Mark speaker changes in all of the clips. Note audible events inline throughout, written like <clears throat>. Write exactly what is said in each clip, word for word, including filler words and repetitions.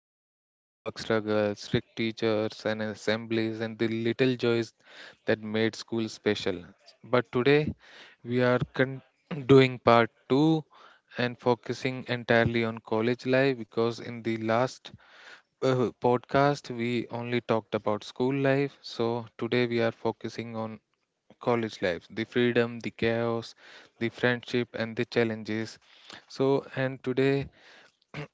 Speaker 1: we, homework struggles, strict teachers, and assemblies, and the little joys that made school special. But today, we are con- <clears throat> doing part two and focusing entirely on college life because in the last uh, podcast we only talked about school life. So today we are focusing on college life, the freedom, the chaos, the friendship, and the challenges. So, and today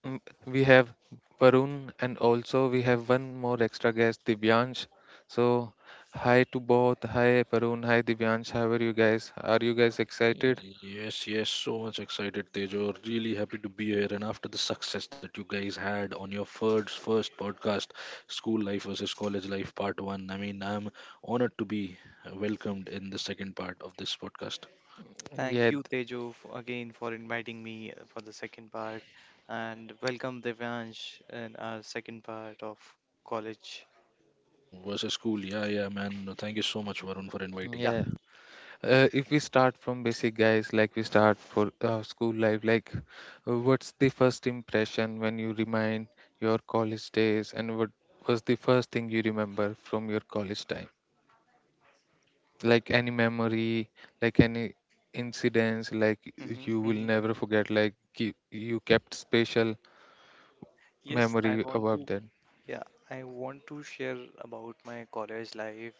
Speaker 1: mm, we have Varun, and also we have one more extra guest, Divyansh. So, hi to both. Hi, Varun. Hi, Divyansh. How are you guys? Are you guys excited?
Speaker 2: Yes, yes, so much excited, Tejo. Really happy to be here. And after the success that you guys had on your first first podcast, School Life versus College Life Part One, I mean, I'm honored to be welcomed in the second part of this podcast.
Speaker 3: Thank
Speaker 1: Yeah, th-
Speaker 3: you, Tejo, f- again for inviting me uh, for the second part, and welcome Devansh in our second part of college.
Speaker 2: Versus school, yeah, yeah, man. No, thank you so much, Varun, for inviting.
Speaker 3: Yeah.
Speaker 1: yeah. Uh, if we start from basic, guys, like we start for uh, school life, like uh, what's the first impression when you remind your college days, and what was the first thing you remember from your college time, like any memory, like any incidents like y-
Speaker 3: hmm
Speaker 1: you will
Speaker 3: hmm
Speaker 1: never forget, like ki- you kept special
Speaker 3: Yes, I
Speaker 1: memory
Speaker 3: want
Speaker 1: about
Speaker 3: to.
Speaker 1: that.
Speaker 3: Yeah, I want to share about my college life.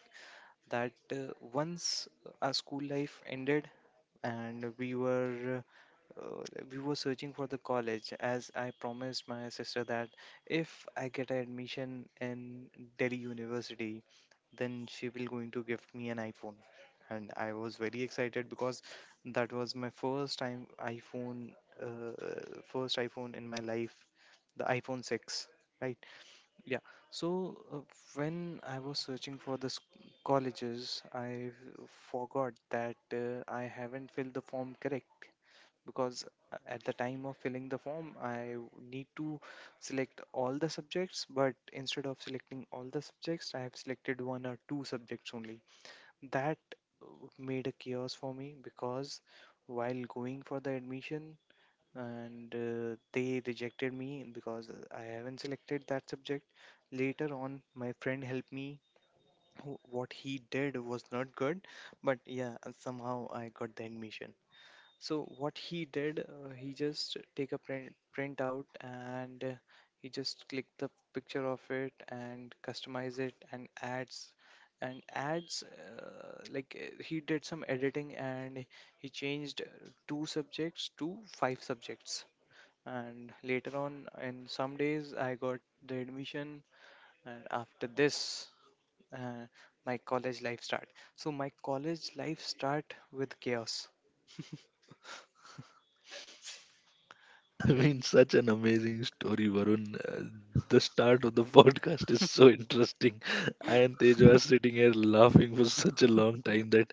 Speaker 3: That uh, Once our school life ended, and we were uh, we were searching for the college, as I promised my sister that if I get an admission in Delhi University, then she will going to give me an iPhone. And I was very excited because that was my first time iPhone, uh, first iPhone in my life, the iPhone six, right? Yeah. So uh, when I was searching for the sc- colleges, I forgot that uh, I haven't filled the form correct because uh, at the time of filling the form, I need to select all the subjects, but instead of selecting all the subjects, I have selected one or two subjects only. That uh, made a chaos for me because while going for the admission, and uh, they rejected me because I haven't selected that subject. Later on, my friend helped me. wh- What he did was not good, but yeah, somehow I got the admission. So what he did, uh, he just take a print print out, and uh, he just click the picture of it and customize it and adds and adds uh, like uh, he did some editing and he changed uh, two subjects to five subjects. And later on, in some days, I got the admission, and after this, uh, my college life start. So my college life start with chaos.
Speaker 2: <laughs> I mean, such an amazing story, Varun. Uh, the start of the <laughs> podcast is so interesting. I and Tejo are sitting here laughing for such a long time that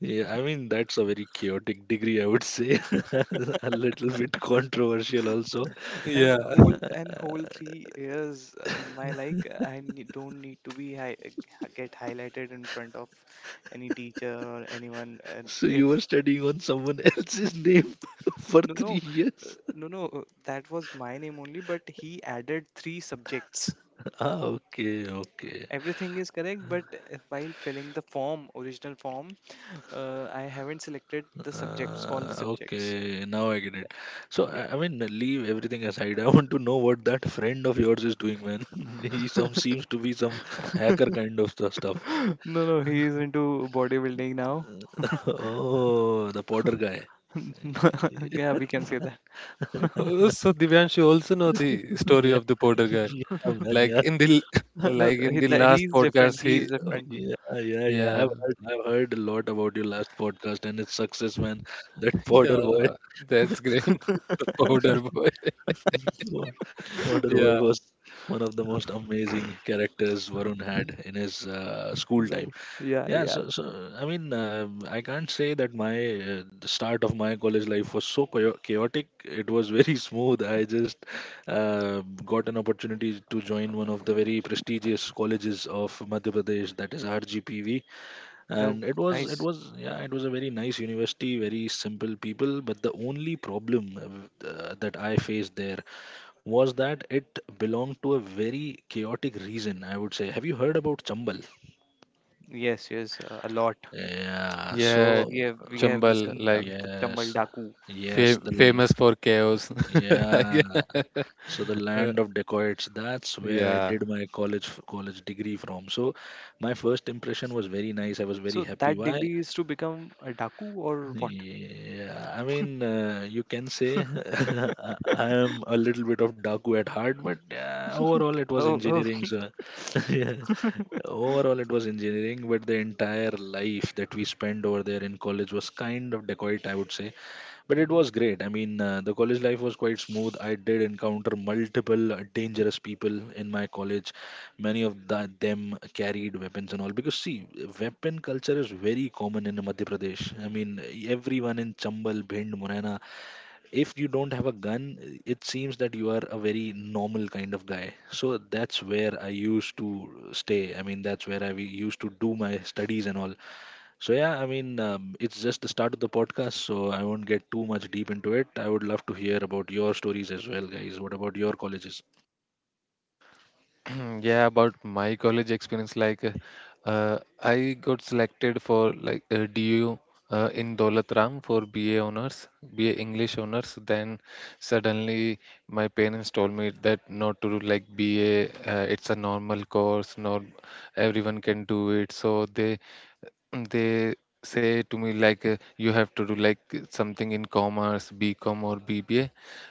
Speaker 2: yeah, I mean, that's a very chaotic degree, I would say. <laughs> A little bit controversial also.
Speaker 3: And
Speaker 1: Yeah.
Speaker 3: whole and whole three years, uh, my like I ne- don't need to be hi uh, get highlighted in front of any teacher or anyone. And
Speaker 2: So
Speaker 3: if
Speaker 2: you were studying on someone else's name <laughs> for
Speaker 3: no no
Speaker 2: three
Speaker 3: uh,
Speaker 2: years? <laughs>
Speaker 3: no no uh, that was my name only, but he added three subjects.
Speaker 2: Ah, okay, okay.
Speaker 3: Everything is correct, but uh, while filling the form, original form, uh, I haven't selected the subjects, all the
Speaker 2: Uh,
Speaker 3: subjects.
Speaker 2: okay, now I get it. So,
Speaker 3: Yeah.
Speaker 2: I, I mean, leave everything aside. <laughs> I want to know what that friend of yours is doing, man. <laughs> He some seems to be some hacker kind of stu-
Speaker 3: <gasps>
Speaker 2: stuff.
Speaker 3: <laughs> No, no, he is into bodybuilding now.
Speaker 2: <laughs> Oh, the Potter guy.
Speaker 3: <laughs> Yeah, we can say that.
Speaker 1: Uh,
Speaker 2: <laughs>
Speaker 1: so Divyansh, you also know the story
Speaker 2: Yeah.
Speaker 1: of the porter
Speaker 2: <laughs>
Speaker 1: guy.
Speaker 2: Yeah, man,
Speaker 1: Like
Speaker 2: yeah.
Speaker 1: in the l-
Speaker 3: <laughs>
Speaker 1: <laughs>
Speaker 3: no,
Speaker 1: like in
Speaker 3: he,
Speaker 1: the
Speaker 3: that
Speaker 1: last
Speaker 3: he's different.
Speaker 1: podcast, he
Speaker 3: He is
Speaker 1: uh,
Speaker 3: different.
Speaker 2: Yeah, yeah, yeah.
Speaker 1: yeah.
Speaker 2: I've heard, I've heard a lot about your last podcast and its success, man. That Porter boy,
Speaker 1: Yeah, that's great. <laughs> The powder boy.
Speaker 2: <laughs> Por- Porter
Speaker 1: Yeah,
Speaker 2: boy was one of the most amazing characters Varun had in his uh, school time.
Speaker 3: Like, yeah,
Speaker 2: Yeah,
Speaker 3: yeah,
Speaker 2: so,
Speaker 3: yeah.
Speaker 2: so I mean, um I can't say that my uh, the start of my college life was so chao- chaotic. It was very <laughs> smooth. I just uh, got an opportunity to join one of the very prestigious colleges of Madhya Pradesh, that is R G P V,
Speaker 3: No,
Speaker 2: and it was it
Speaker 3: nice.
Speaker 2: was yeah, it was a very nice university, very simple people, but the only problem uh, uh, that I faced there was that it belonged to a very chaotic region, I would say. Have you heard about Chambal?
Speaker 3: Yes, yes, uh, a lot.
Speaker 2: Yeah, so
Speaker 1: yeah.
Speaker 3: We have we
Speaker 2: uh,
Speaker 3: have
Speaker 1: Chambal,
Speaker 3: listened uh,
Speaker 1: like
Speaker 3: the Chambal
Speaker 2: yes,
Speaker 3: Daku.
Speaker 2: yes,
Speaker 1: fam-
Speaker 2: the
Speaker 1: famous
Speaker 2: l-
Speaker 1: for chaos. <laughs>
Speaker 2: yeah,
Speaker 1: Yeah.
Speaker 2: so the
Speaker 1: Uh,
Speaker 2: land of dacoits, that's where I
Speaker 1: yeah,
Speaker 2: did my college college degree from. So my first impression was very nice, I was very
Speaker 3: So
Speaker 2: happy.
Speaker 3: that
Speaker 2: Why?
Speaker 3: degree is to become a Daku or what?
Speaker 2: Yeah, I mean, uh, you can say <laughs> I I am a little bit of Daku at heart, but uh, overall it was
Speaker 3: Oh, oh.
Speaker 2: engineering.
Speaker 3: <laughs>
Speaker 2: So, <laughs> yeah, overall it was engineering, but the entire life that we spent over there in college was kind of dacoit, I would say. But it
Speaker 3: Mhm,
Speaker 2: was great. I mean, uh, the college life was quite smooth. I did encounter multiple uh, dangerous people in my college. Many of the, them carried weapons and all. Because, see, weapon culture is very common in Madhya Pradesh. I mean, everyone in Chambal, Bhind, Morena, if you don't have a gun, it seems that you are a very normal kind of guy. So that's where I used to stay. I mean, that's where I we used to do my studies and all. So yeah, I mean, um, it's just the start of the podcast, so I won't get too much deep into it. I would love to hear about your stories as well, guys. What about your colleges?
Speaker 1: <clears throat> yeah. About my college experience, like uh, I got selected for like uh, D U, uh, in Daulat Ram for B A honors, B A English honors. Then suddenly my parents told me that not to do like B A. Uh, it's a normal course. Nor everyone can do it. So they they say to me like uh, you have to do like something in commerce, bcom or bba.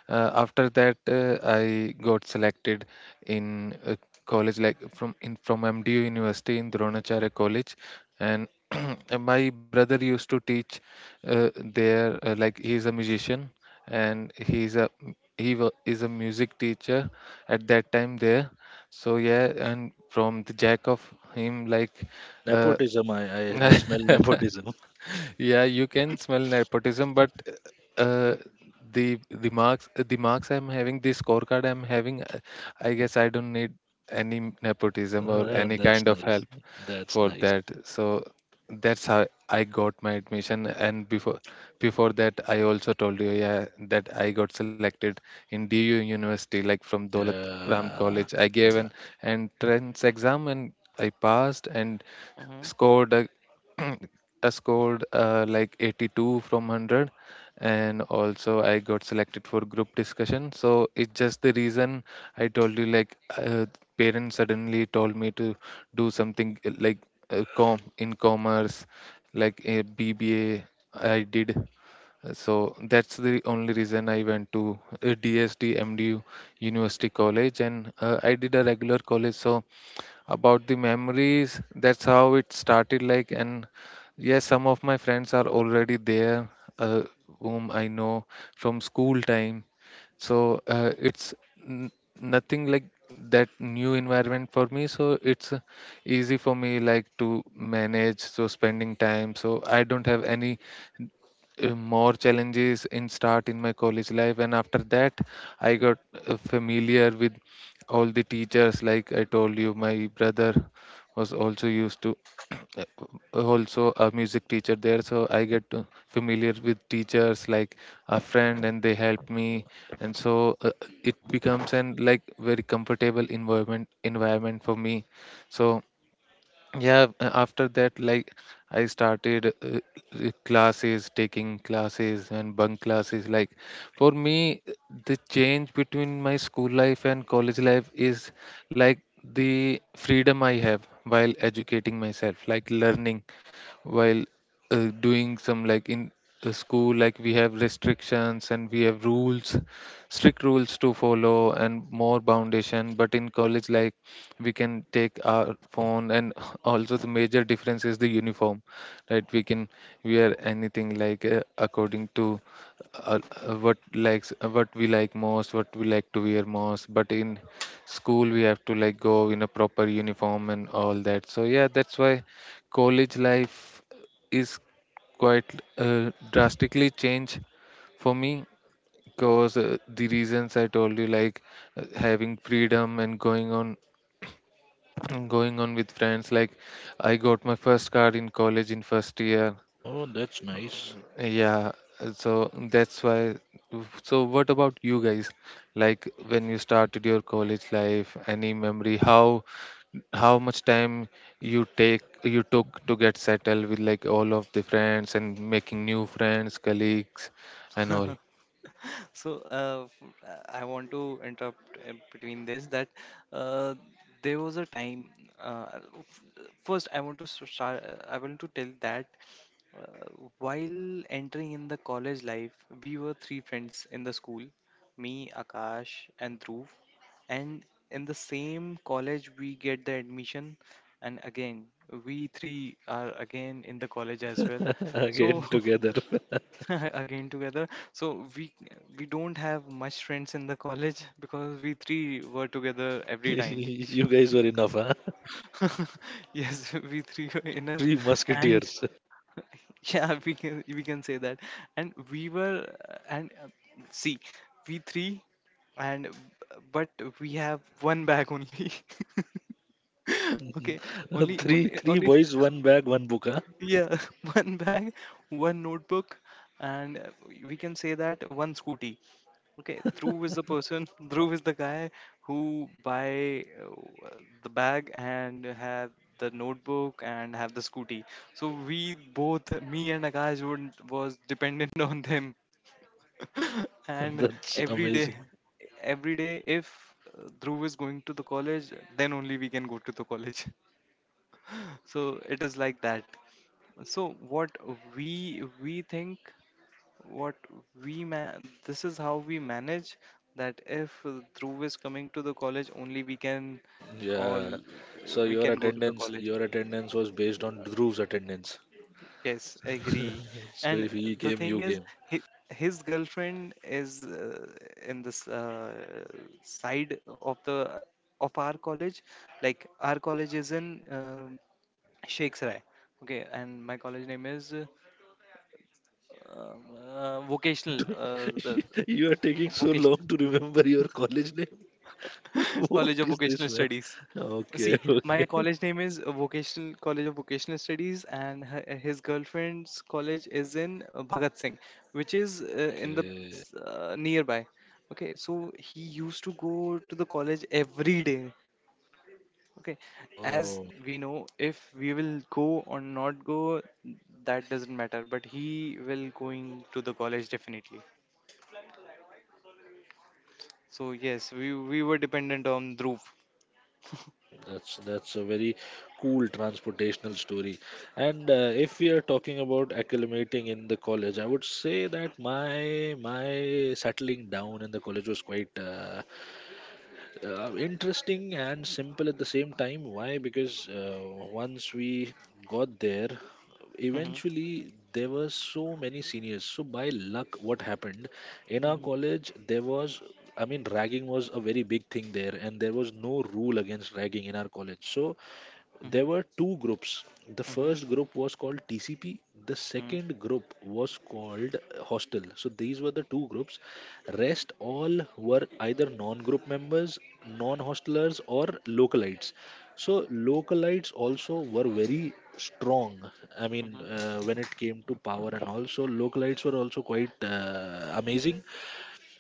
Speaker 1: uh, After that, uh, I got selected in a college like from in from mdu university in dronacharya college, and <clears throat> and my brother used to teach uh, there, uh, like he is a musician, and he's a he wa- is a music teacher at that time there. So yeah, and from the jack of him, like uh,
Speaker 2: Nepotism, I I, I smell nepotism.
Speaker 1: yeah, you can smell nepotism, but uh, the the marks, the marks I'm having, the scorecard I'm having, uh, I guess I don't need any nepotism or
Speaker 2: <laughs>
Speaker 1: any
Speaker 2: That's
Speaker 1: kind of
Speaker 2: nice.
Speaker 1: help
Speaker 2: That's
Speaker 1: for
Speaker 2: nice.
Speaker 1: that. So that's how I got my admission. And before before that, I also told you, yeah, that I got selected in D U University, like from Dolat Ram
Speaker 2: Yeah.
Speaker 1: College. I gave
Speaker 2: Yeah.
Speaker 1: an entrance exam and I passed and
Speaker 3: mhm.
Speaker 1: scored a <clears throat> I scored uh, like eighty-two from one hundred, and also I got selected for group discussion. So it's just the reason I told you, like uh, parents suddenly told me to do something uh, like uh, com in commerce, like a B B A I did. Uh, So that's the only reason I went to uh, D S D M D U University College, and uh, I did a regular college, so about the memories. That's how it started. Like, and yes, some of my friends are already there, uh, whom I know from school time. So uh, it's n- nothing like that new environment for me. So it's uh, easy for me like to manage. So spending time. So I don't have any uh, more challenges in start in my college life, and after that I got uh, familiar with all the teachers. Like I told you, my brother was also used to uh, also a music teacher there, so I get to familiar with teachers like a friend, and they help me. And so uh, it becomes an like very comfortable environment environment for me. So yeah, a- after that, like I started uh, uh, classes, taking classes and bunk classes. Like for me, uh, the change between my school life and college life is like the freedom I have while educating myself, like learning while uh, doing some, like in the school, like we have restrictions and we have rules, strict rules to follow and more foundation, but in college like we can take our phone, and <laughs> also the major difference is the uniform, right? We can wear anything like uh, according to uh, uh, what likes, uh, what we like most, what we like to wear most. But in school we have to like go in a proper uniform and all that. So yeah, that's why college life is quite uh, drastically changed for me, because uh, the reasons I told you, like uh, having freedom and going on <clears throat> going on with friends. Like I got my first card in college in first year.
Speaker 2: Oh, that's nice.
Speaker 1: Yeah, uh, so that's why. So what about you guys, like when you started your college life, any memory? How how much time you take you took to get settled with like all of the friends, and making new friends, colleagues, and all?
Speaker 3: So, uh, f- uh, I want to interrupt uh, between this that uh, there was a time. Uh, f- first, I want to s- start. uh, I want to tell that Uh, while entering in the college life, we were three friends in the school: me, Akash, and Dhruv. And in the same college, we get the admission, and again, we three are again in the college as well.
Speaker 2: <laughs>
Speaker 3: So
Speaker 2: Again together.
Speaker 3: <laughs> again together. So we we don't have much friends in the college <laughs> because we three were together
Speaker 2: <laughs>
Speaker 3: every time.
Speaker 2: You guys were enough, huh?
Speaker 3: <laughs> Yes, we three were enough.
Speaker 2: Three
Speaker 3: And
Speaker 2: musketeers.
Speaker 3: <laughs> yeah, we can we can say that, and we were uh, and uh, see, we three, and but we have one bag only. <laughs> okay.
Speaker 2: <laughs>
Speaker 3: only
Speaker 2: Three
Speaker 3: only
Speaker 2: three
Speaker 3: only
Speaker 2: boys, one bag, one book, huh?
Speaker 3: Yeah, <laughs> one bag, one notebook, and uh, we can say that one scooty. Okay, Dhruv
Speaker 2: <laughs>
Speaker 3: is the person. <laughs> Dhruv is the guy who buy uh, the bag and have the notebook and have the scooty. So we both, me and Akash, would, was dependent on them. <laughs> and
Speaker 2: That's
Speaker 3: every day,
Speaker 2: amazing.
Speaker 3: every day, if uh, Dhruv is going to the college, then only we can go to the college. <laughs> so it is like that. So what we we think, what we man, this is how we manage that if uh, Dhruv is coming to the college, only we can all
Speaker 2: Yeah.
Speaker 3: uh,
Speaker 2: So
Speaker 3: we
Speaker 2: your
Speaker 3: can go to the
Speaker 2: attendance,
Speaker 3: college.
Speaker 2: your attendance was based on Dhruv's attendance.
Speaker 3: Yes, agree.
Speaker 2: <laughs> So
Speaker 3: And
Speaker 2: if he
Speaker 3: the
Speaker 2: came,
Speaker 3: thing
Speaker 2: you
Speaker 3: is,
Speaker 2: came.
Speaker 3: hi, his girlfriend is uh, in this uh, side of the of our college. Like our college is in uh, Shakes Rai. Okay, and my college name is uh, um, uh,
Speaker 2: You
Speaker 3: vocational.
Speaker 2: do,
Speaker 3: Uh, the,
Speaker 2: <laughs> you are taking so
Speaker 3: Vocational.
Speaker 2: long to remember your college name. <laughs>
Speaker 3: <laughs>
Speaker 2: What
Speaker 3: College of
Speaker 2: is this,
Speaker 3: Vocational
Speaker 2: man?
Speaker 3: Studies.
Speaker 2: Okay,
Speaker 3: See,
Speaker 2: <laughs> okay,
Speaker 3: my college name is uh, Vocational College of Vocational Studies, and her, his girlfriend's college is in uh, Bhagat Singh, which is uh, in the
Speaker 2: okay.
Speaker 3: uh, nearby. Okay, so he used to go to the college every day. Okay, as
Speaker 2: Oh,
Speaker 3: we know, if we will go or not go, that doesn't matter. But he will going to the college definitely. So yes, we we were dependent on Dhruv.
Speaker 2: that's that's a very cool transportational story. And uh, if we are talking about acclimating in the college, I would say that my my settling down in the college was quite uh, uh, interesting and simple at the same time. Why? Because uh, once we got there,
Speaker 3: hmm
Speaker 2: eventually there were so many seniors. So by luck, what happened in our college, there was, I mean, ragging was a very big thing there, and there was no rule against ragging in our college. So there were
Speaker 3: hmm
Speaker 2: two groups. The first
Speaker 3: hmm
Speaker 2: group was called T C P. The second
Speaker 3: Mhm,
Speaker 2: group was called Hostel. So these were the two groups. Rest all were either non-group members, non-hostelers, or localites. So localites also were very strong. I mean,
Speaker 3: mhm,
Speaker 2: uh, when it came to power and all, so localites were also quite uh, amazing.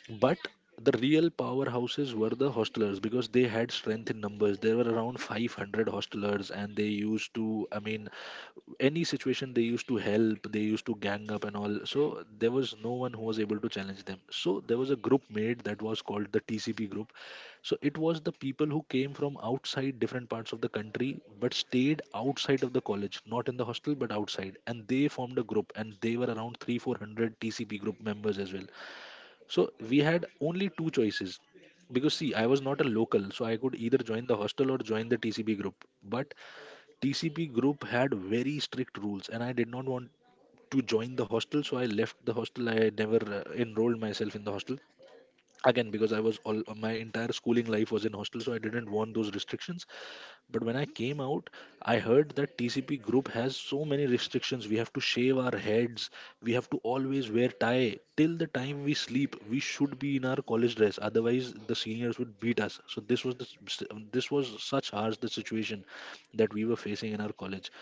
Speaker 2: But the real powerhouses were the hostelers because they had strength in numbers. There were around five hundred hostelers, and they used to, I mean, any situation they used to help, they used to gang up and all. So there was no one who was able to challenge them. So there was a group made that was called the T C P group. So it was the people who came from outside different parts of the country but stayed outside of the college, not in the hostel but outside. And they formed a group, and they were around three, four hundred T C P group members as well. So we had only two choices because see, I was not a local, so I could either join the hostel or join the T C P group. But T C P group had very strict rules, and I did not want to join the hostel, so I left the hostel. I never uh, enrolled myself in the hostel again because I was all my entire schooling life was in hostel, so I didn't want those restrictions. But when I came out, I heard that T C P group has so many restrictions. We have to shave our heads. We have to always wear tie. Till the time we sleep, we should be in our college dress. Otherwise, the seniors would beat us. So this was the, s- this was such harsh the situation that we were facing in our college.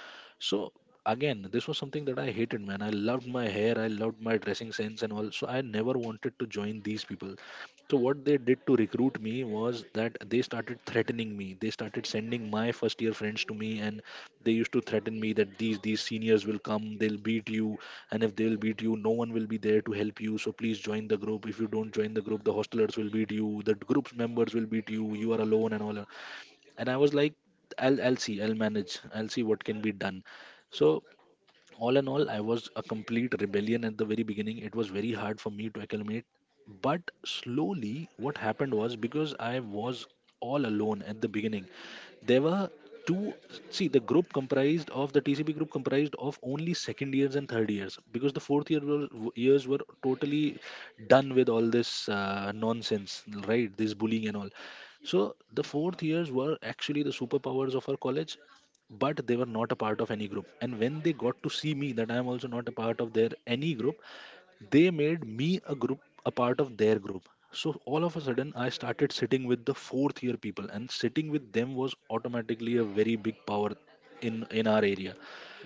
Speaker 2: So again, this was something that I hated, man. I loved my hair, I loved my dressing sense and all. So I never wanted to join these people. So what they did to recruit me was that they started threatening me. They started sending my first year friends to me, and they used to threaten me that these these seniors will come, they'll beat you, and if they'll beat you, no one will be there to help you. So please join the group. If you don't join the group, the hostelers will beat you, the group's members will beat you. You are alone and all. That. And I was like, I'll I'll see, I'll manage, I'll see what can be done. So all in all, I was a complete rebellion at the very beginning. It was very hard for me to acclimate, but slowly what happened was, because I was all alone at the beginning, there were two, see, the group comprised of the TCB group comprised of only second years and third years, because the fourth year were, years were totally done with all this uh, nonsense, right, this bullying and all. So the fourth years were actually the superpowers of our college, but they were not a part of any group, and when they got to see me that I am also not a part of their any group, they made me a group a part of their group. So all of a sudden I started sitting with the fourth year people, and sitting with them was automatically a very big power in in our area.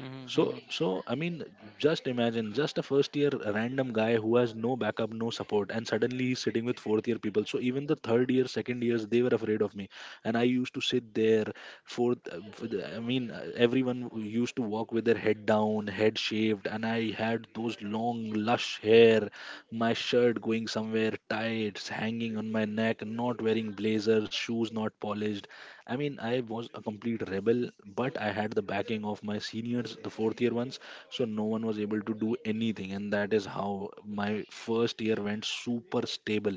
Speaker 3: mhm,
Speaker 2: so,
Speaker 3: mhm.
Speaker 2: so I mean, just imagine, just a first year random guy who has no backup, no support, and suddenly he's sitting with fourth year people. So even the third year, second years, they were afraid of me, and I used to sit there. Fourth, uh, for the- I mean, uh, everyone used to walk with their head down, head shaved, and I had those long, lush hair, my shirt going somewhere tight, hanging on my neck, not wearing blazers, shoes not polished, I mean, I was a complete rebel, but I had the backing of my seniors, the fourth year ones, so no one was able to do anything. And that is how my first year went super stable.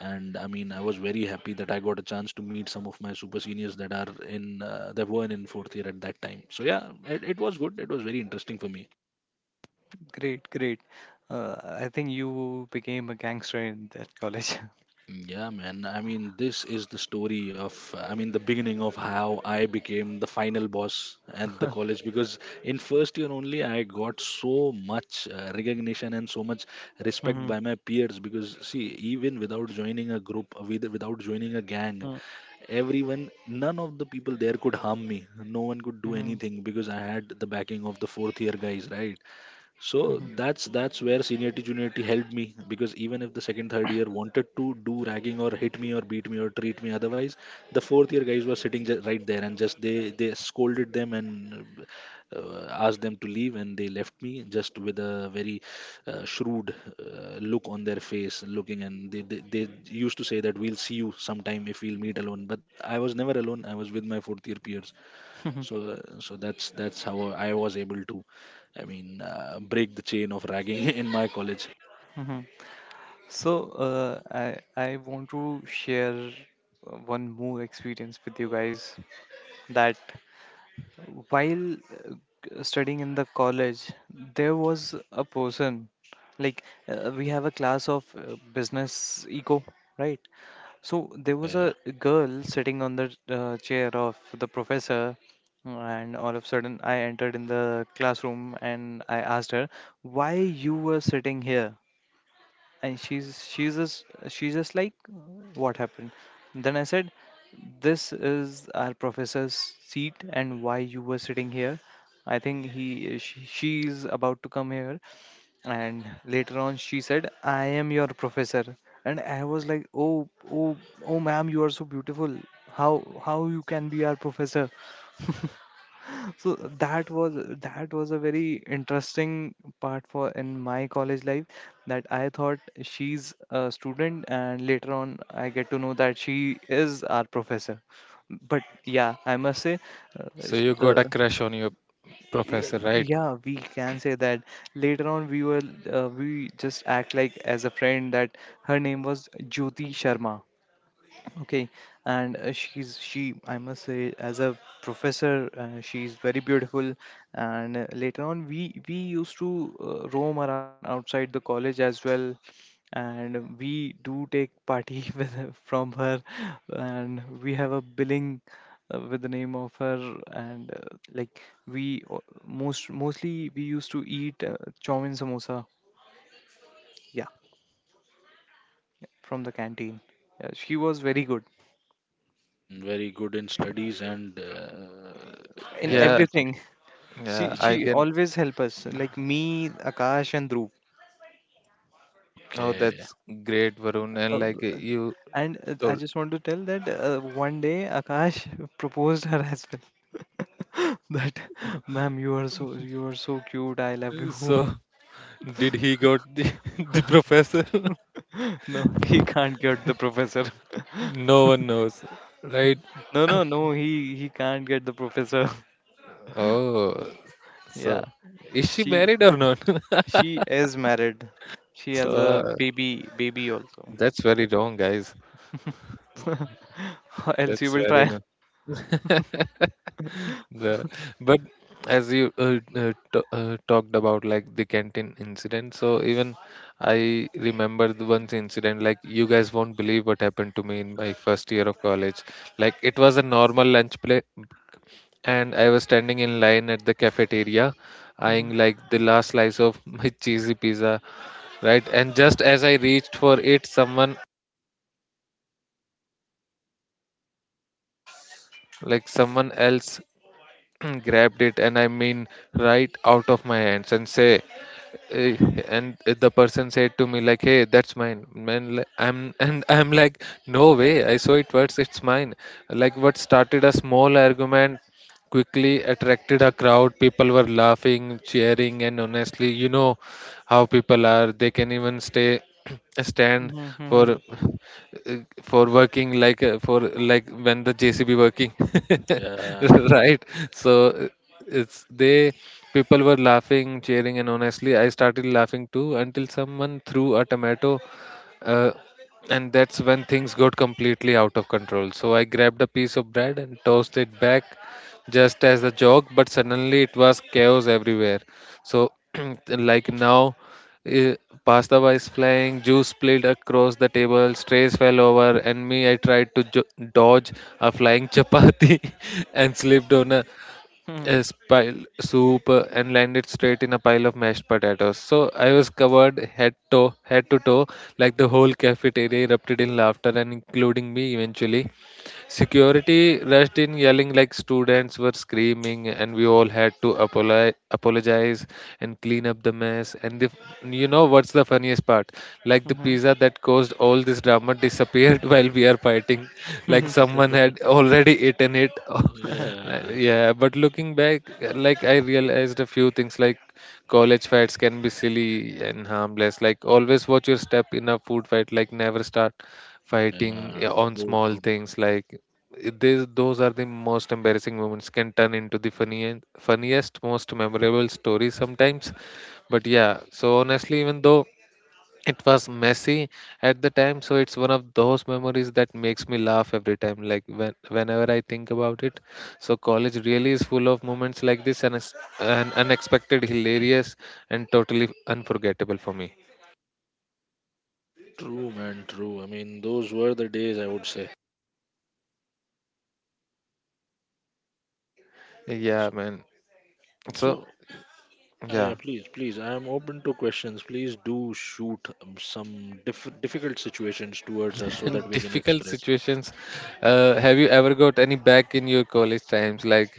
Speaker 2: And I mean, I was very happy that I got a chance to meet some of my super seniors that are in, uh, that were in fourth year at that time. So yeah, it, it was good. It was very interesting for me.
Speaker 3: Great, great. Uh, I think you became a gangster in that college.
Speaker 2: Mm, yeah, man. I mean, this is the story of, I mean, the beginning of how I became the final boss at the college
Speaker 3: <laughs>
Speaker 2: because in first year only I got so much uh, recognition and so much respect
Speaker 3: Mhm,
Speaker 2: by my peers because see, even without joining a group, with, without joining a gang,
Speaker 3: mhm,
Speaker 2: everyone, none of the people there could harm me. No one could do
Speaker 3: mhm,
Speaker 2: anything because I had the backing of the fourth year guys, right?
Speaker 3: mhm,
Speaker 2: So that's that's where seniority juniority helped me because even if the second third year wanted to do ragging or hit me or beat me or treat me otherwise, the fourth year guys were sitting ju- right there, and just they they scolded them and uh, asked them to leave, and they left me just with a very uh, shrewd uh, look on their face, looking, and they, they they used to say that we'll see you sometime if we'll meet alone, but I was never alone, I was with my fourth year peers.
Speaker 3: mhm,
Speaker 2: So so that's that's how I was able to, I mean, uh, break the chain of ragging <laughs> in my college.
Speaker 3: mhm. So, uh, I I want to share uh, one more experience with you guys, that while uh, studying in the college, there was a person, like uh, we have a class of uh, business eco, right? So there
Speaker 2: Yeah,
Speaker 3: was
Speaker 2: yeah.
Speaker 3: a girl sitting on the uh, chair of the professor, and all of a sudden I entered in the classroom and I asked her, "Why you were sitting here?" And she's she's just she's just like, what happened? Then I said, this is our professor's seat, and why you were sitting here? I think he she, she's about to come here. And later on she said, I am your professor. And I was like, oh, oh, oh, ma'am, you are so beautiful. how how you can be our professor? <laughs> so that was, that was a very interesting part for in my college life, that I thought she's a student and later on I get to know that she is our professor. But yeah, I must say, uh,
Speaker 1: So
Speaker 3: sh-
Speaker 1: you got a
Speaker 3: the
Speaker 1: crush on your
Speaker 3: Y-
Speaker 1: professor, right?
Speaker 3: Yeah, we can say that. Later on, we were uh, we just act like as a friend. That her name was Jyoti Sharma. Okay, and uh, she's she, I must say, as a professor uh, she's very beautiful. And uh, later on we we used to uh, roam around outside the college as well, and we do take party <laughs> with her, from her, and we have a billing uh, with the name of her. And uh, like we o- most mostly we used to eat uh, chow mein, samosa, yeah, from the canteen. Yeah, she was very good
Speaker 2: Mm, very good in studies and uh,
Speaker 3: in
Speaker 2: as a
Speaker 1: Yeah,
Speaker 2: teacher.
Speaker 3: everything.
Speaker 1: yeah,
Speaker 3: She
Speaker 1: I
Speaker 3: she
Speaker 2: Yeah.
Speaker 1: can.
Speaker 3: always help us, like me, Akash, and Dhruv.
Speaker 1: Oh,
Speaker 2: Okay.
Speaker 1: that's great, Varun, and
Speaker 3: Uh,
Speaker 1: like
Speaker 3: uh,
Speaker 1: you
Speaker 3: and uh, I
Speaker 1: told.
Speaker 3: just want to tell that uh, one day Akash <laughs> proposed her as well. <laughs> that, ma'am, you are so, you are so cute. I love you.
Speaker 1: So did he got the <laughs> the professor? <laughs>
Speaker 3: <laughs> no, he can't get the professor.
Speaker 1: No one knows, right?
Speaker 3: <laughs> no, no, no. He he can't get the professor.
Speaker 1: Oh,
Speaker 3: <laughs> yeah,
Speaker 1: so is she
Speaker 3: she
Speaker 1: married or not? <laughs>
Speaker 3: she is married. She
Speaker 1: So
Speaker 3: has a
Speaker 1: uh,
Speaker 3: baby baby also.
Speaker 1: that's very wrong, guys.
Speaker 3: <laughs> Else you
Speaker 1: that's
Speaker 3: will
Speaker 1: very
Speaker 3: try.
Speaker 1: The, but as you uh, uh, t uh, talked about like the canteen incident, so even I remember the once incident. Like you guys won't believe what happened to me in my first year of college. Like it was a normal lunch play, and I was standing in line at the cafeteria, eyeing
Speaker 3: <laughs>
Speaker 1: like the last slice of <laughs> my cheesy pizza, right? And just as I reached for it, someone, like someone else <clears throat> grabbed it, and I mean right out of my hands and say. eh, and the person said to me like, "Hey, that's mine, man." li- I'm, and I'm like, "No way, I saw it first, it's mine." Like what started a small argument quickly attracted a crowd. People were laughing, cheering, and honestly, you know how people are, they can even stay <clears throat> stand
Speaker 3: Mhm,
Speaker 1: for
Speaker 3: mhm,
Speaker 1: uh, for working, like uh, for like when the J C B working, <laughs>
Speaker 2: Yeah,
Speaker 1: right? So uh, it's they, people were laughing, cheering, and honestly I started laughing too, until someone threw a tomato, uh, and that's when things got completely out of control. So I grabbed a piece of bread and tossed it back just as a joke, but suddenly it was chaos everywhere. So, <clears throat> like now, eh, pasta was flying, juice spilled across the table, strays fell over, and me, I tried to jo- dodge a flying <laughs> chapati and slipped on a
Speaker 3: mhm,
Speaker 1: yes, pile soup uh, and landed straight in a pile of mashed potatoes. So I was covered head to head to toe, like the whole cafeteria erupted in laughter, and including me eventually. Security rushed in yelling, like students were screaming, and we all had to apoli- apologize and clean up the mess. And the, you know what's the funniest part? Like the
Speaker 3: mhm,
Speaker 1: pizza that caused all this drama disappeared <laughs> while we are fighting, like
Speaker 3: mhm,
Speaker 1: someone had already eaten it.
Speaker 3: mhm.
Speaker 1: <laughs>
Speaker 2: yeah,
Speaker 1: Yeah, but looking back, like I realized a few things, like college fights can be silly and harmless. Like always watch your step in a food fight, like never start fighting, yeah,
Speaker 2: yeah.
Speaker 1: on
Speaker 2: True,
Speaker 1: small
Speaker 2: true.
Speaker 1: things. Like it- These, those are the most embarrassing moments can turn into the funniest, funniest, most memorable stories sometimes. But yeah, so honestly, even though it was messy at the time, so it's one of those memories that makes me laugh every time, like when, whenever I think about it. So college really is full of moments like this, and it's- and unexpected, hilarious, and totally unforgettable for me.
Speaker 2: True, man. True. I mean, those were the days, I would say.
Speaker 1: Yeah,
Speaker 2: so,
Speaker 1: man. So
Speaker 2: so yeah, yeah,
Speaker 1: yeah.
Speaker 2: please, please, I am open to questions. Please do shoot, um, some diff- difficult situations towards us so that
Speaker 1: <laughs>
Speaker 2: we can
Speaker 1: Difficult
Speaker 2: express.
Speaker 1: situations, uh, have you ever got any back in your college times, like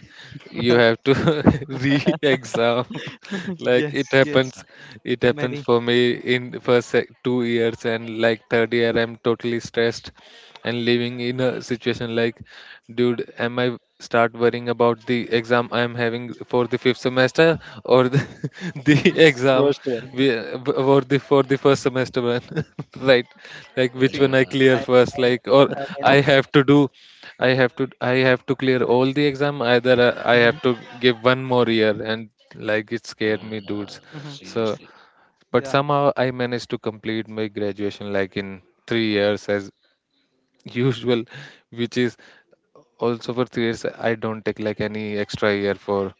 Speaker 1: you
Speaker 3: <laughs>
Speaker 1: have to <laughs> re-exam? <laughs>
Speaker 3: <laughs>
Speaker 1: Like
Speaker 3: Yes,
Speaker 1: it
Speaker 3: yes,
Speaker 1: happens.
Speaker 2: Yeah.
Speaker 1: It happens
Speaker 3: many.
Speaker 1: for me in first sec- two years, and like third year I'm totally stressed and living in a situation like, dude, am I start worrying about the exam I am having for the fifth semester, or the, <laughs> the
Speaker 2: That's
Speaker 1: exam
Speaker 2: worst one.
Speaker 1: we, or the for the first semester one? <laughs> Right? Like which
Speaker 3: See,
Speaker 1: one I
Speaker 2: Yeah,
Speaker 1: clear
Speaker 3: I,
Speaker 1: first,
Speaker 3: I,
Speaker 1: like? Or
Speaker 3: I want
Speaker 1: i
Speaker 3: to
Speaker 1: have
Speaker 3: share.
Speaker 1: to do i have to I have to clear all the exam, either uh, I
Speaker 3: hmm
Speaker 1: have to give one more year, and like it scared
Speaker 2: yeah,
Speaker 1: me, dudes.
Speaker 3: hmm
Speaker 1: So
Speaker 2: seriously.
Speaker 1: but
Speaker 3: Yeah,
Speaker 1: somehow I managed to complete my graduation like in three years as usual, which is also for three years. I don't take like any extra year for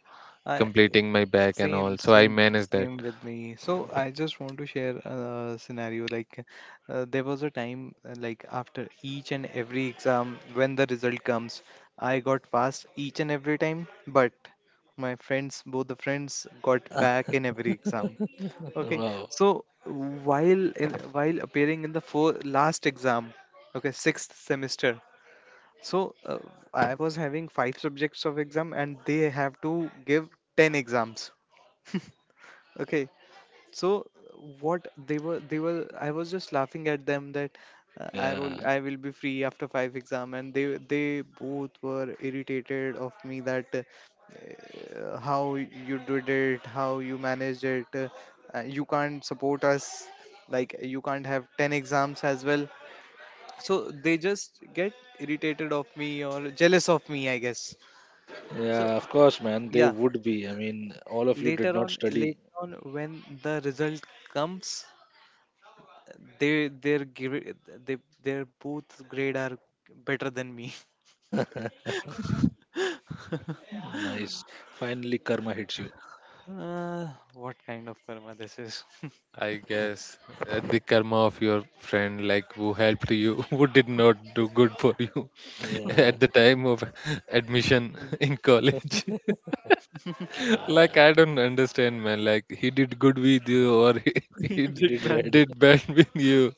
Speaker 3: I
Speaker 1: completing my back and all.
Speaker 3: same,
Speaker 1: So I
Speaker 3: same,
Speaker 1: manage that.
Speaker 3: same with me. So I just want to share a scenario. Like, uh, there was a time, uh, like after each and every exam, when the result comes, I got passed each and every time, but my friends, both the friends, got back in every exam. Okay,
Speaker 2: Wow.
Speaker 3: so while in, while appearing in the four, last exam, okay, sixth semester, so uh, I was having five subjects of exam, and they have to give ten exams. <laughs> Okay, so what they were they were I was just laughing at them that uh, I will
Speaker 2: Yeah,
Speaker 3: I will be free after five exam, and they they both were irritated of me that uh, uh, how you did it, how you managed it, uh, uh, you can't support us, like you can't have ten exams as well. So they just get irritated of me or jealous of me, I guess. So
Speaker 2: yeah, of course, man. They
Speaker 3: yeah,
Speaker 2: would be. I mean, all of you did
Speaker 3: later
Speaker 2: not
Speaker 3: on,
Speaker 2: study.
Speaker 3: later on when the result comes, they, their grade, they, their both grade are better than me.
Speaker 2: <laughs> Nice. Finally, karma hits you.
Speaker 3: uh, what kind of karma this is? <laughs>
Speaker 1: I guess uh, the karma of your friend, like who helped you, <laughs> who did not do good for you <laughs>
Speaker 2: Yeah,
Speaker 1: at the time of admission
Speaker 3: And
Speaker 1: <laughs> in college. <laughs> Like I don't understand, man. Like he did good with you or <laughs> he,
Speaker 3: <laughs> he
Speaker 1: he
Speaker 2: he
Speaker 3: did
Speaker 2: did
Speaker 3: bad.
Speaker 2: bad.
Speaker 1: did bad <laughs> with you.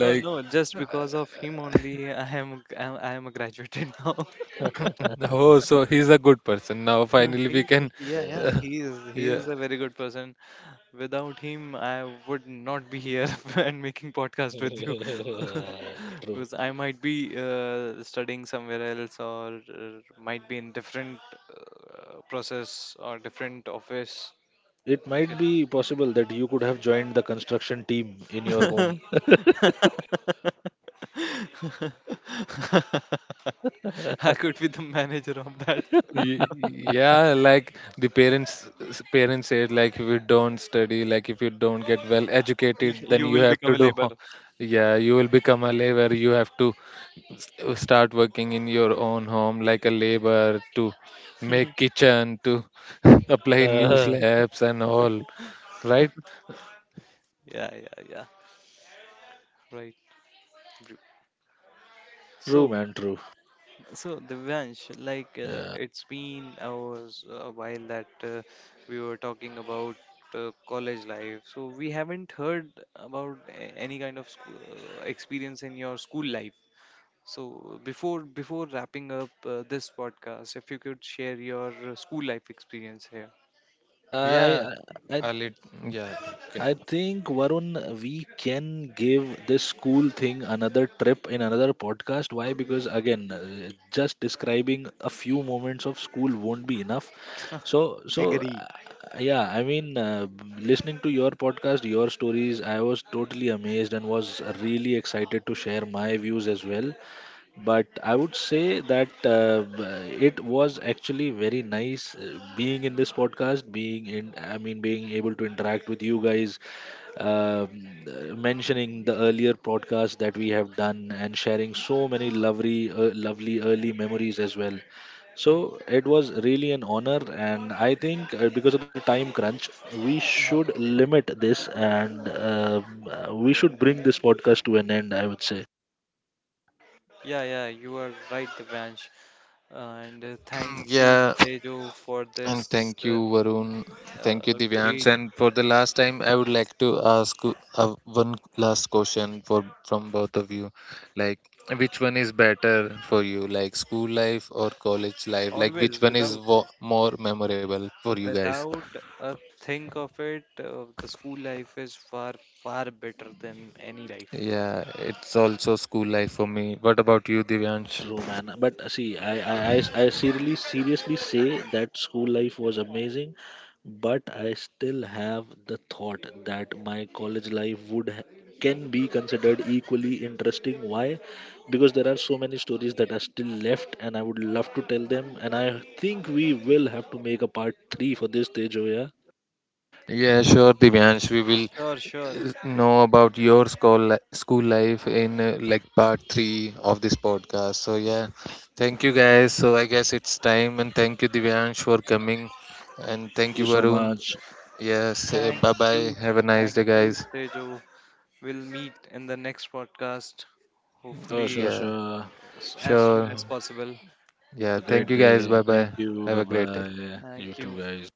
Speaker 3: uh, No, just because of him only I am, I am, I am a graduated now. <laughs>
Speaker 1: oh, so he's a good person now.
Speaker 3: Uh,
Speaker 1: Finally, we
Speaker 3: he,
Speaker 1: can.
Speaker 3: yeah, yeah, he is,
Speaker 1: <laughs>
Speaker 3: he
Speaker 1: Yeah.
Speaker 3: is a very good person. Without him, I would not be here <laughs> and making
Speaker 2: <laughs>
Speaker 3: podcast with you, <laughs>
Speaker 2: Yeah, true.
Speaker 3: because I might be uh, studying somewhere else, or uh, might be in different uh, process or different office.
Speaker 2: Or it
Speaker 3: If
Speaker 2: might
Speaker 3: you know.
Speaker 2: be possible that you could have joined the construction team in your home. <laughs>
Speaker 3: <laughs> I could be the manager of that.
Speaker 1: Y- yeah, like the parents parents said like, if you don't study, like if you don't get well
Speaker 3: <laughs>
Speaker 1: educated,
Speaker 3: Y-
Speaker 1: then
Speaker 3: You
Speaker 1: you
Speaker 3: will
Speaker 1: have
Speaker 3: become
Speaker 1: to
Speaker 3: a
Speaker 1: do
Speaker 3: labor.
Speaker 1: ho- yeah, you will become a laborer, you have to uh, start working in your own home like a laborer, to make kitchen, to <laughs> apply new
Speaker 2: Uh,
Speaker 1: slabs and all, right?
Speaker 3: Yeah, yeah, yeah. Right. Bru-
Speaker 2: True,
Speaker 3: So
Speaker 2: man. True.
Speaker 3: So, Divyansh, like uh,
Speaker 2: Yeah.
Speaker 3: it's been hours, a while, that uh, we were talking about uh, college life. So, we haven't heard about a- any kind of school experience in your school life. So, before before wrapping up uh, this podcast, if you could share your uh, school life experience here.
Speaker 2: I
Speaker 1: yeah
Speaker 2: I, I
Speaker 1: a lit- yeah you can-
Speaker 2: I think Varun, we can give this school thing another trip in another podcast. Why? Because again, uh, just describing a few moments of school won't be enough. So, so
Speaker 3: Agree.
Speaker 2: uh, yeah, I mean, uh, listening to your podcast, your stories, I was totally amazed and was really excited to share my views as well. But I would say that uh, b- it was actually very nice uh, being in this podcast, being in I mean, being able to interact with you guys, um, uh, mentioning the earlier podcast that we have done and sharing so many lovely uh, lovely early memories as well. So it was really an honor, and I think uh, because of the time crunch, we should limit this, and um, uh, we should bring this podcast to an end, I would say.
Speaker 3: Yeah, yeah, you are right, Divyansh. And uh, thank
Speaker 1: <clears throat>
Speaker 3: you,
Speaker 1: Yeah,
Speaker 3: Tejo, for
Speaker 1: and
Speaker 3: this
Speaker 1: thank you,
Speaker 3: uh,
Speaker 1: Varun. Thank you,
Speaker 3: uh,
Speaker 1: Divyansh.
Speaker 3: great,
Speaker 1: And for the last time, I would like to ask you uh, one last question for from both of you. Like, which one is better for you, like school life or college life? Like, which
Speaker 3: always
Speaker 1: one is
Speaker 3: without
Speaker 1: wo- more memorable for you guys?
Speaker 3: without a think of it, uh, the school life is far, far better than any life.
Speaker 1: Yeah, it's also school life for me. What about you, Divyansh?
Speaker 2: True, man. But uh, see, I, I, I, I seriously, seriously say that school life was amazing, but I still have the thought that my college life would ha- can be considered equally interesting. Why? Because there are so many stories that are still left, and I would love to tell them. And I think we will have to make a part three for this, Tejo. Yeah.
Speaker 1: Yeah, sure, Divyansh. We will
Speaker 3: Sure, sure.
Speaker 1: know about your school li- school life in uh, like part three of this podcast. So yeah, thank you guys. So I guess it's time. And thank you, Divyansh, for coming, and thank
Speaker 2: Thank you
Speaker 1: you,
Speaker 2: so
Speaker 1: Varun.
Speaker 2: much.
Speaker 1: Yes.
Speaker 3: Thank
Speaker 1: Bye bye,
Speaker 3: you.
Speaker 1: have a nice
Speaker 3: Thank
Speaker 1: day,
Speaker 3: you,
Speaker 1: guys.
Speaker 3: Tejo. We'll meet in the next podcast,
Speaker 2: Sure, sure,
Speaker 3: hopefully,
Speaker 1: Yeah,
Speaker 2: sure.
Speaker 3: s- as soon
Speaker 1: sure.
Speaker 3: as possible.
Speaker 2: Have
Speaker 1: Yeah,
Speaker 2: a great
Speaker 1: thank you guys,
Speaker 2: day.
Speaker 1: bye
Speaker 2: Thank
Speaker 1: bye,
Speaker 2: you.
Speaker 1: have
Speaker 2: Bye
Speaker 1: a great day.
Speaker 2: bye. You
Speaker 3: Thank
Speaker 2: too,
Speaker 3: you.
Speaker 2: guys.